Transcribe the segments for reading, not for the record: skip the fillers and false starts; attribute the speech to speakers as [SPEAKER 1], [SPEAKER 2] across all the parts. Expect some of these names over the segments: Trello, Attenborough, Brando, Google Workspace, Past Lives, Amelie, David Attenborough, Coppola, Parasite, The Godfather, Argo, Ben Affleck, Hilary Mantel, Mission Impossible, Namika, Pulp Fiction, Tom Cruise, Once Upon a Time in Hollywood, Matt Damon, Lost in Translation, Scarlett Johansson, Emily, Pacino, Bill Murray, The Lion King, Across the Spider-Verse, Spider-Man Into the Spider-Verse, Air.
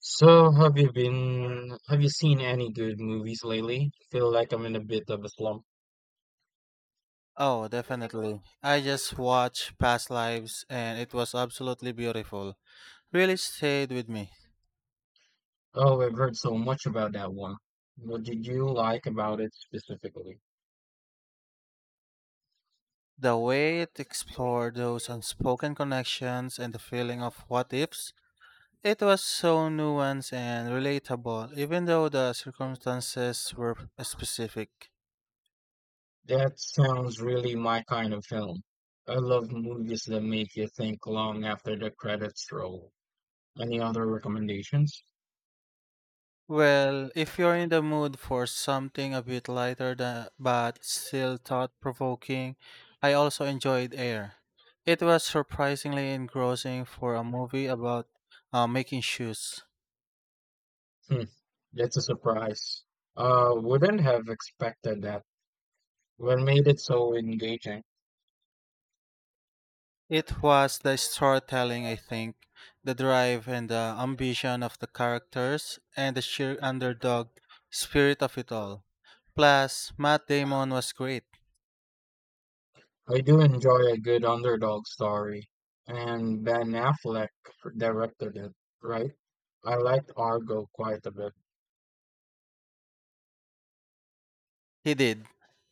[SPEAKER 1] So have you seen any good movies lately? Feel like I'm in a bit of a slump.
[SPEAKER 2] Oh, definitely. I just watched Past Lives and it was absolutely beautiful. Really stayed with me.
[SPEAKER 1] Oh, I've heard so much about that one. What did you like about it specifically?
[SPEAKER 2] The way it explored those unspoken connections and the feeling of what ifs, it was so nuanced and relatable, even though the circumstances were specific.
[SPEAKER 1] That sounds really my kind of film. I love movies that make you think long after the credits roll. Any other recommendations?
[SPEAKER 2] Well, if you're in the mood for something a bit but still thought-provoking, I also enjoyed Air. It was surprisingly engrossing for a movie about making shoes.
[SPEAKER 1] Hmm, that's a surprise. Wouldn't have expected that. What made it so engaging?
[SPEAKER 2] It was the storytelling, I think, the drive and the ambition of the characters, and the sheer underdog spirit of it all. Plus, Matt Damon was great.
[SPEAKER 1] I do enjoy a good underdog story, and Ben Affleck directed it, right? I liked Argo quite a bit.
[SPEAKER 2] He did.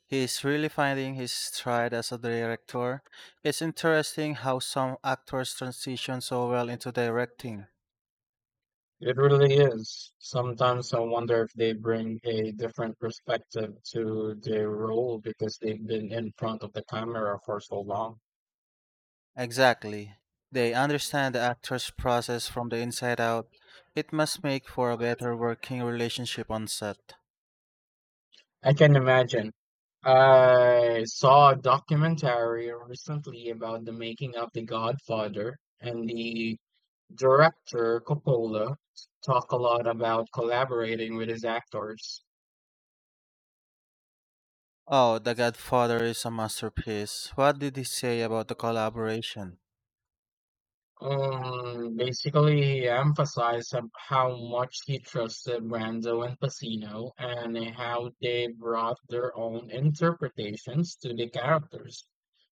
[SPEAKER 2] He's really finding his stride as a director. It's interesting how some actors transition so well into directing.
[SPEAKER 1] It really is. Sometimes I wonder if they bring a different perspective to their role because they've been in front of the camera for so long.
[SPEAKER 2] Exactly. They understand the actor's process from the inside out. It must make for a better working relationship on set.
[SPEAKER 1] I can imagine. I saw a documentary recently about the making of The Godfather and the Director Coppola talked a lot about collaborating with his actors.
[SPEAKER 2] Oh, The Godfather is a masterpiece. What did he say about the collaboration?
[SPEAKER 1] Basically, he emphasized how much he trusted Brando and Pacino and how they brought their own interpretations to the characters.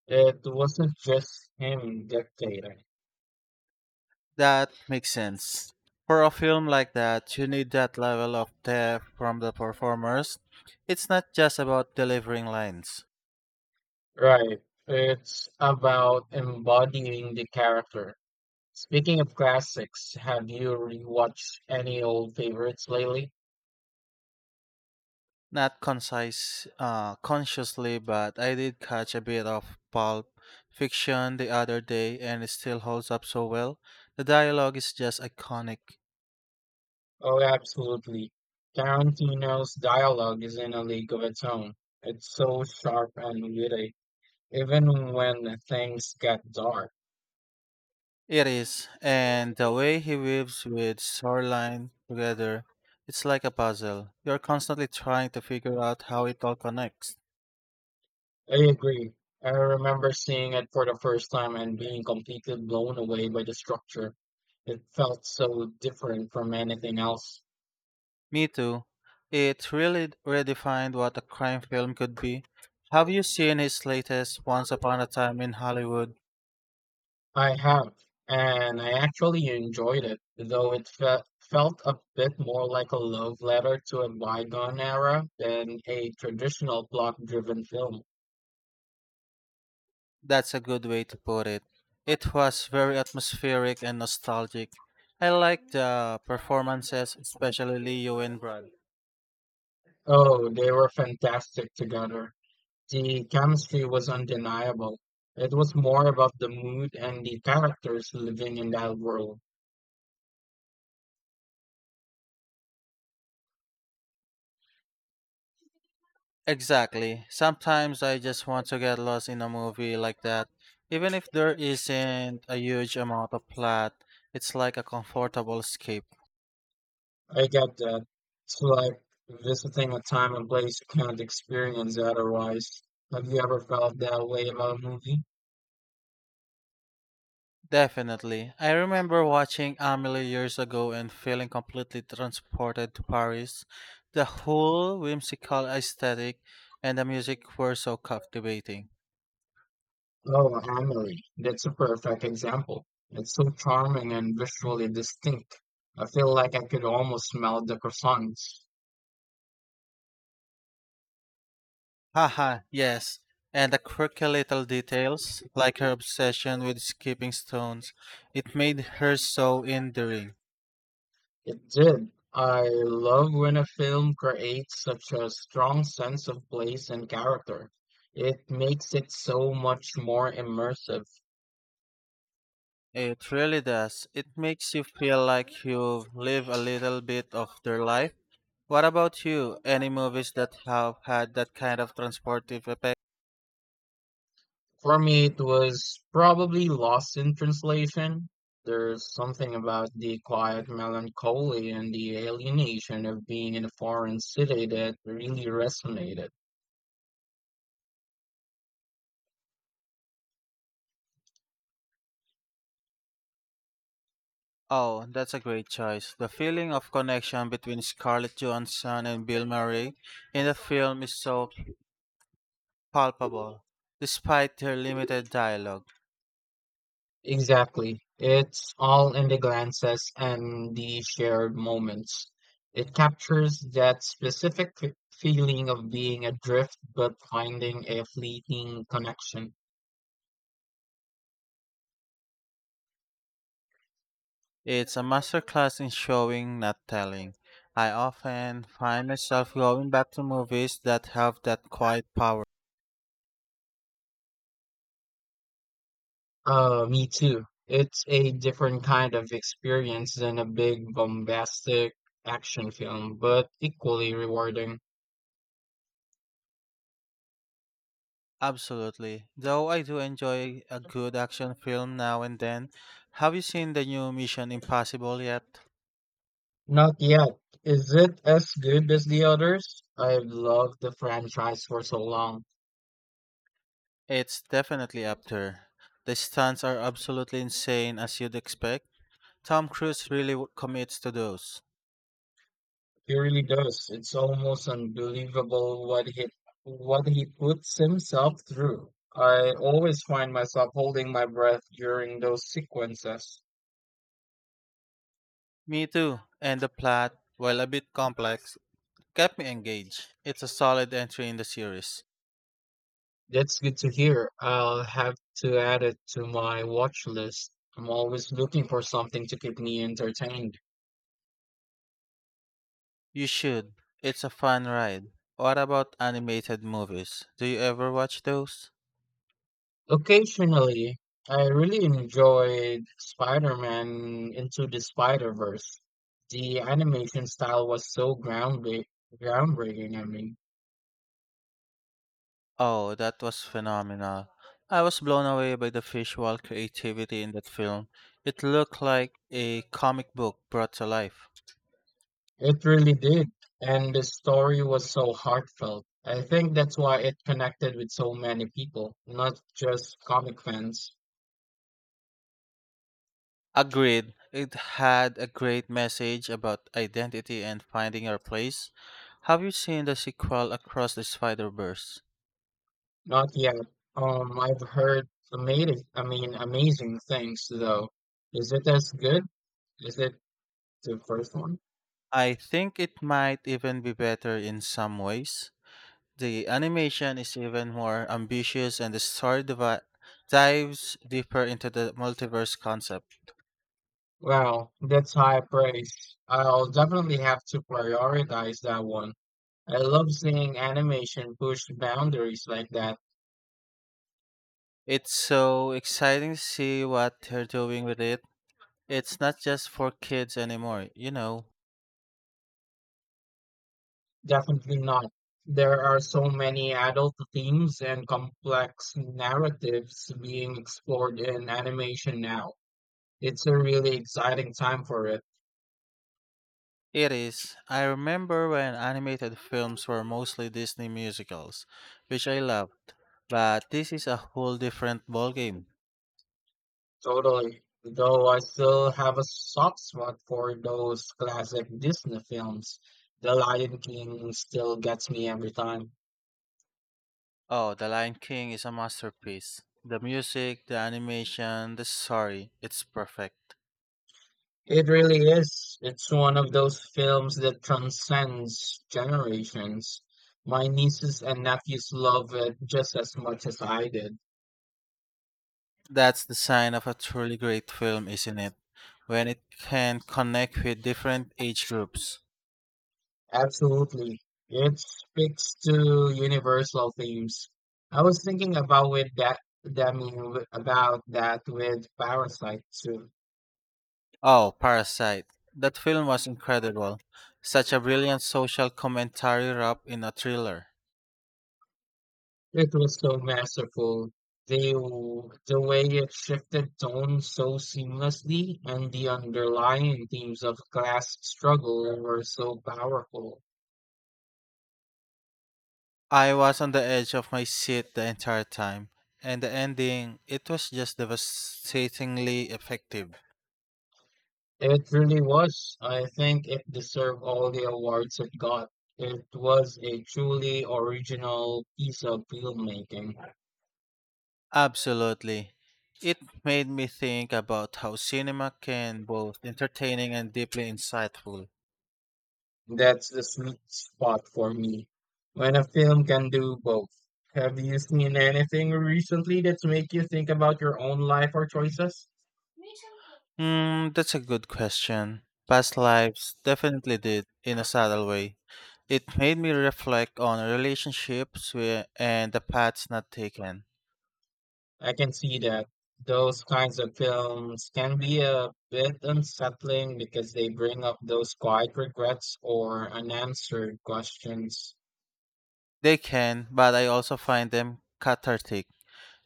[SPEAKER 1] It wasn't just him dictating.
[SPEAKER 2] That makes sense. For a film like that, you need that level of depth from the performers. It's not just about delivering lines.
[SPEAKER 1] Right. It's about embodying the character. Speaking of classics, have you rewatched any old favorites lately?
[SPEAKER 2] Not concise Consciously, but I did catch a bit of Pulp Fiction the other day and it still holds up so well. The dialogue is just iconic.
[SPEAKER 1] Oh, absolutely. Tarantino's dialogue is in a league of its own. It's so sharp and witty, even when things get dark.
[SPEAKER 2] It is, and the way he weaves with storyline together, it's like a puzzle. You're constantly trying to figure out how it all connects.
[SPEAKER 1] I agree. I remember seeing it for the first time and being completely blown away by the structure. It felt so different from anything else.
[SPEAKER 2] Me too. It really redefined what a crime film could be. Have you seen his latest Once Upon a Time in Hollywood?
[SPEAKER 1] I have, and I actually enjoyed it, though it felt a bit more like a love letter to a bygone era than a traditional plot-driven film.
[SPEAKER 2] That's a good way to put it. It was very atmospheric and nostalgic. I liked the performances, especially Leo and Brad.
[SPEAKER 1] Oh, they were fantastic together. The chemistry was undeniable. It was more about the mood and the characters living in that world.
[SPEAKER 2] Exactly. Sometimes I just want to get lost in a movie like that. Even if there isn't a huge amount of plot, it's like a comfortable escape.
[SPEAKER 1] I get that. It's like visiting a time and place you can't experience otherwise. Have you ever felt that way about a movie?
[SPEAKER 2] Definitely. I remember watching Amelie years ago and feeling completely transported to Paris. The whole whimsical aesthetic and the music were so captivating.
[SPEAKER 1] Oh, Emily, that's a perfect example. It's so charming and visually distinct. I feel like I could almost smell the croissants.
[SPEAKER 2] Haha, yes. And the quirky little details, like her obsession with skipping stones, it made her so endearing.
[SPEAKER 1] It did. I love when a film creates such a strong sense of place and character. It makes it so much more immersive.
[SPEAKER 2] It really does. It makes you feel like you've lived a little bit of their life. What about you? Any movies that have had that kind of transportive effect?
[SPEAKER 1] For me, it was probably Lost in Translation. There's something about the quiet melancholy and the alienation of being in a foreign city that really resonated.
[SPEAKER 2] Oh, that's a great choice. The feeling of connection between Scarlett Johansson and Bill Murray in the film is so palpable, despite their limited dialogue.
[SPEAKER 1] Exactly. It's all in the glances and the shared moments. It captures that specific feeling of being adrift but finding a fleeting connection.
[SPEAKER 2] It's a masterclass in showing, not telling. I often find myself going back to movies that have that quiet power.
[SPEAKER 1] Me too. It's a different kind of experience than a big bombastic action film, but equally rewarding.
[SPEAKER 2] Absolutely. Though I do enjoy a good action film now and then, have you seen the new Mission Impossible yet?
[SPEAKER 1] Not yet. Is it as good as the others? I've loved the franchise for so long.
[SPEAKER 2] It's definitely up there. The stunts are absolutely insane as you'd expect. Tom Cruise really commits to those.
[SPEAKER 1] He really does. It's almost unbelievable what he puts himself through. I always find myself holding my breath during those sequences.
[SPEAKER 2] Me too. And the plot, while a bit complex, kept me engaged. It's a solid entry in the series.
[SPEAKER 1] That's good to hear. I'll have to add it to my watch list. I'm always looking for something to keep me entertained.
[SPEAKER 2] You should. It's a fun ride. What about animated movies? Do you ever watch those?
[SPEAKER 1] Occasionally, I really enjoyed Spider-Man Into the Spider-Verse. The animation style was so groundbreaking, I mean.
[SPEAKER 2] Oh, that was phenomenal. I was blown away by the visual creativity in that film. It looked like a comic book brought to life.
[SPEAKER 1] It really did. And the story was so heartfelt. I think that's why it connected with so many people, not just comic fans.
[SPEAKER 2] Agreed, it had a great message about identity and finding our place. Have you seen the sequel Across the Spider-Verse?
[SPEAKER 1] Not yet. I've heard amazing, I mean, amazing things though. Is it as good? Is it the first one?
[SPEAKER 2] I think it might even be better in some ways. The animation is even more ambitious and the dives deeper into the multiverse concept.
[SPEAKER 1] Wow, that's high praise. I'll definitely have to prioritize that one. I love seeing animation push boundaries like that.
[SPEAKER 2] It's so exciting to see what they're doing with it. It's not just for kids anymore, you know.
[SPEAKER 1] Definitely not. There are so many adult themes and complex narratives being explored in animation now. It's a really exciting time for it.
[SPEAKER 2] It is. I remember when animated films were mostly Disney musicals, which I loved. But this is a whole different ballgame.
[SPEAKER 1] Totally. Though I still have a soft spot for those classic Disney films. The Lion King still gets me every time.
[SPEAKER 2] Oh, The Lion King is a masterpiece. The music, the animation, the story, it's perfect.
[SPEAKER 1] It really is. It's one of those films that transcends generations. My nieces and nephews love it just as much as I did.
[SPEAKER 2] That's the sign of a truly great film, isn't it? When it can connect with different age groups.
[SPEAKER 1] Absolutely. It speaks to universal themes. I was thinking about with that, that I mean, w- about that with Parasite too.
[SPEAKER 2] Oh, Parasite. That film was incredible. Such a brilliant social commentary wrapped in a thriller.
[SPEAKER 1] It was so masterful. The way it shifted tone so seamlessly and the underlying themes of class struggle were so powerful.
[SPEAKER 2] I was on the edge of my seat the entire time, and the ending, it was just devastatingly effective.
[SPEAKER 1] It really was. I think it deserved all the awards it got. It was a truly original piece of filmmaking.
[SPEAKER 2] Absolutely. It made me think about how cinema can both entertaining and deeply insightful.
[SPEAKER 1] That's the sweet spot for me. When a film can do both. Have you seen anything recently that's make you think about your own life or choices?
[SPEAKER 2] Hmm, that's a good question. Past Lives definitely did in a subtle way. It made me reflect on relationships where, and the paths not taken.
[SPEAKER 1] I can see that those kinds of films can be a bit unsettling because they bring up those quiet regrets or unanswered questions.
[SPEAKER 2] They can, but I also find them cathartic.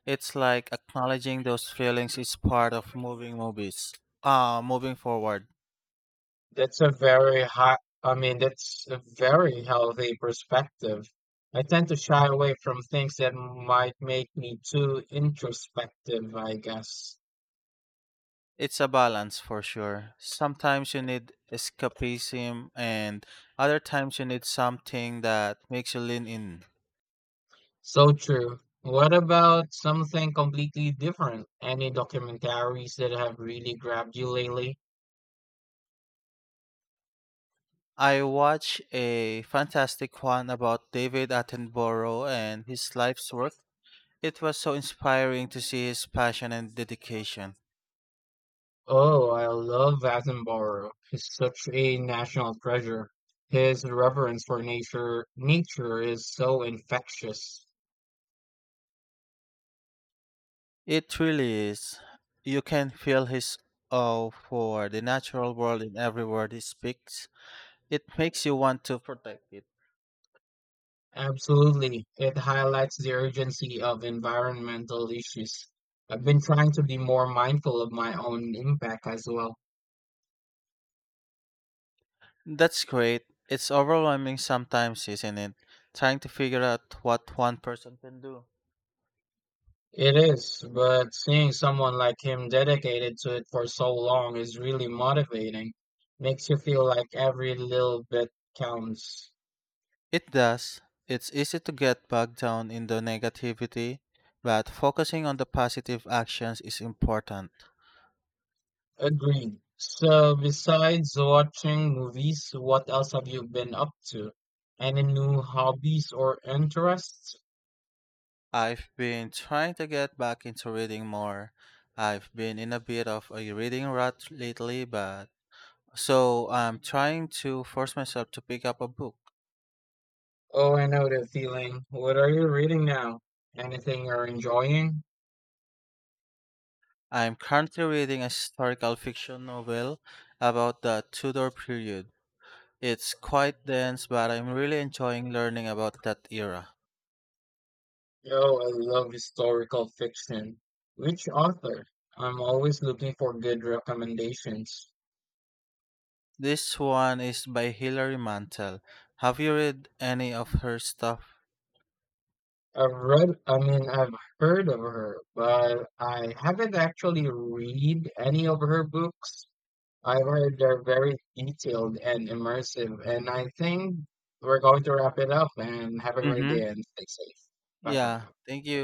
[SPEAKER 2] It's like acknowledging those feelings is part of moving movies. Moving forward.
[SPEAKER 1] That's a very healthy perspective. I tend to shy away from things that might make me too introspective, I guess.
[SPEAKER 2] It's a balance for sure. Sometimes you need escapism and other times you need something that makes you lean in.
[SPEAKER 1] So true. What about something completely different? Any documentaries that have really grabbed you lately?
[SPEAKER 2] I watched a fantastic one about David Attenborough and his life's work. It was so inspiring to see his passion and dedication.
[SPEAKER 1] Oh, I love Attenborough. He's such a national treasure. His reverence for nature is so infectious.
[SPEAKER 2] It really is. You can feel his awe for the natural world in every word he speaks. It makes you want to protect it.
[SPEAKER 1] Absolutely. It highlights the urgency of environmental issues. I've been trying to be more mindful of my own impact as well.
[SPEAKER 2] That's great. It's overwhelming sometimes, isn't it? Trying to figure out what one person can do.
[SPEAKER 1] It is, but seeing someone like him dedicated to it for so long is really motivating. Makes you feel like every little bit counts.
[SPEAKER 2] It does. It's easy to get bogged down in the negativity, but focusing on the positive actions is important.
[SPEAKER 1] Agreed. So, besides watching movies, what else have you been up to? Any new hobbies or interests?
[SPEAKER 2] I've been trying to get back into reading more. I've been in a bit of a reading rut lately, but so I'm trying to force myself to pick up a book.
[SPEAKER 1] Oh, I know that feeling. What are you reading now? Anything you're enjoying?
[SPEAKER 2] I'm currently reading a historical fiction novel about the Tudor period. It's quite dense, but I'm really enjoying learning about that era.
[SPEAKER 1] Oh, I love historical fiction. Which author? I'm always looking for good recommendations.
[SPEAKER 2] This one is by Hilary Mantel. Have you read any of her stuff?
[SPEAKER 1] I've heard of her, but I haven't actually read any of her books. I've heard they're very detailed and immersive, and I think we're going to wrap it up and have a great
[SPEAKER 2] Mm-hmm.
[SPEAKER 1] day and stay safe. Bye for
[SPEAKER 2] Yeah,
[SPEAKER 1] now.
[SPEAKER 2] thank you.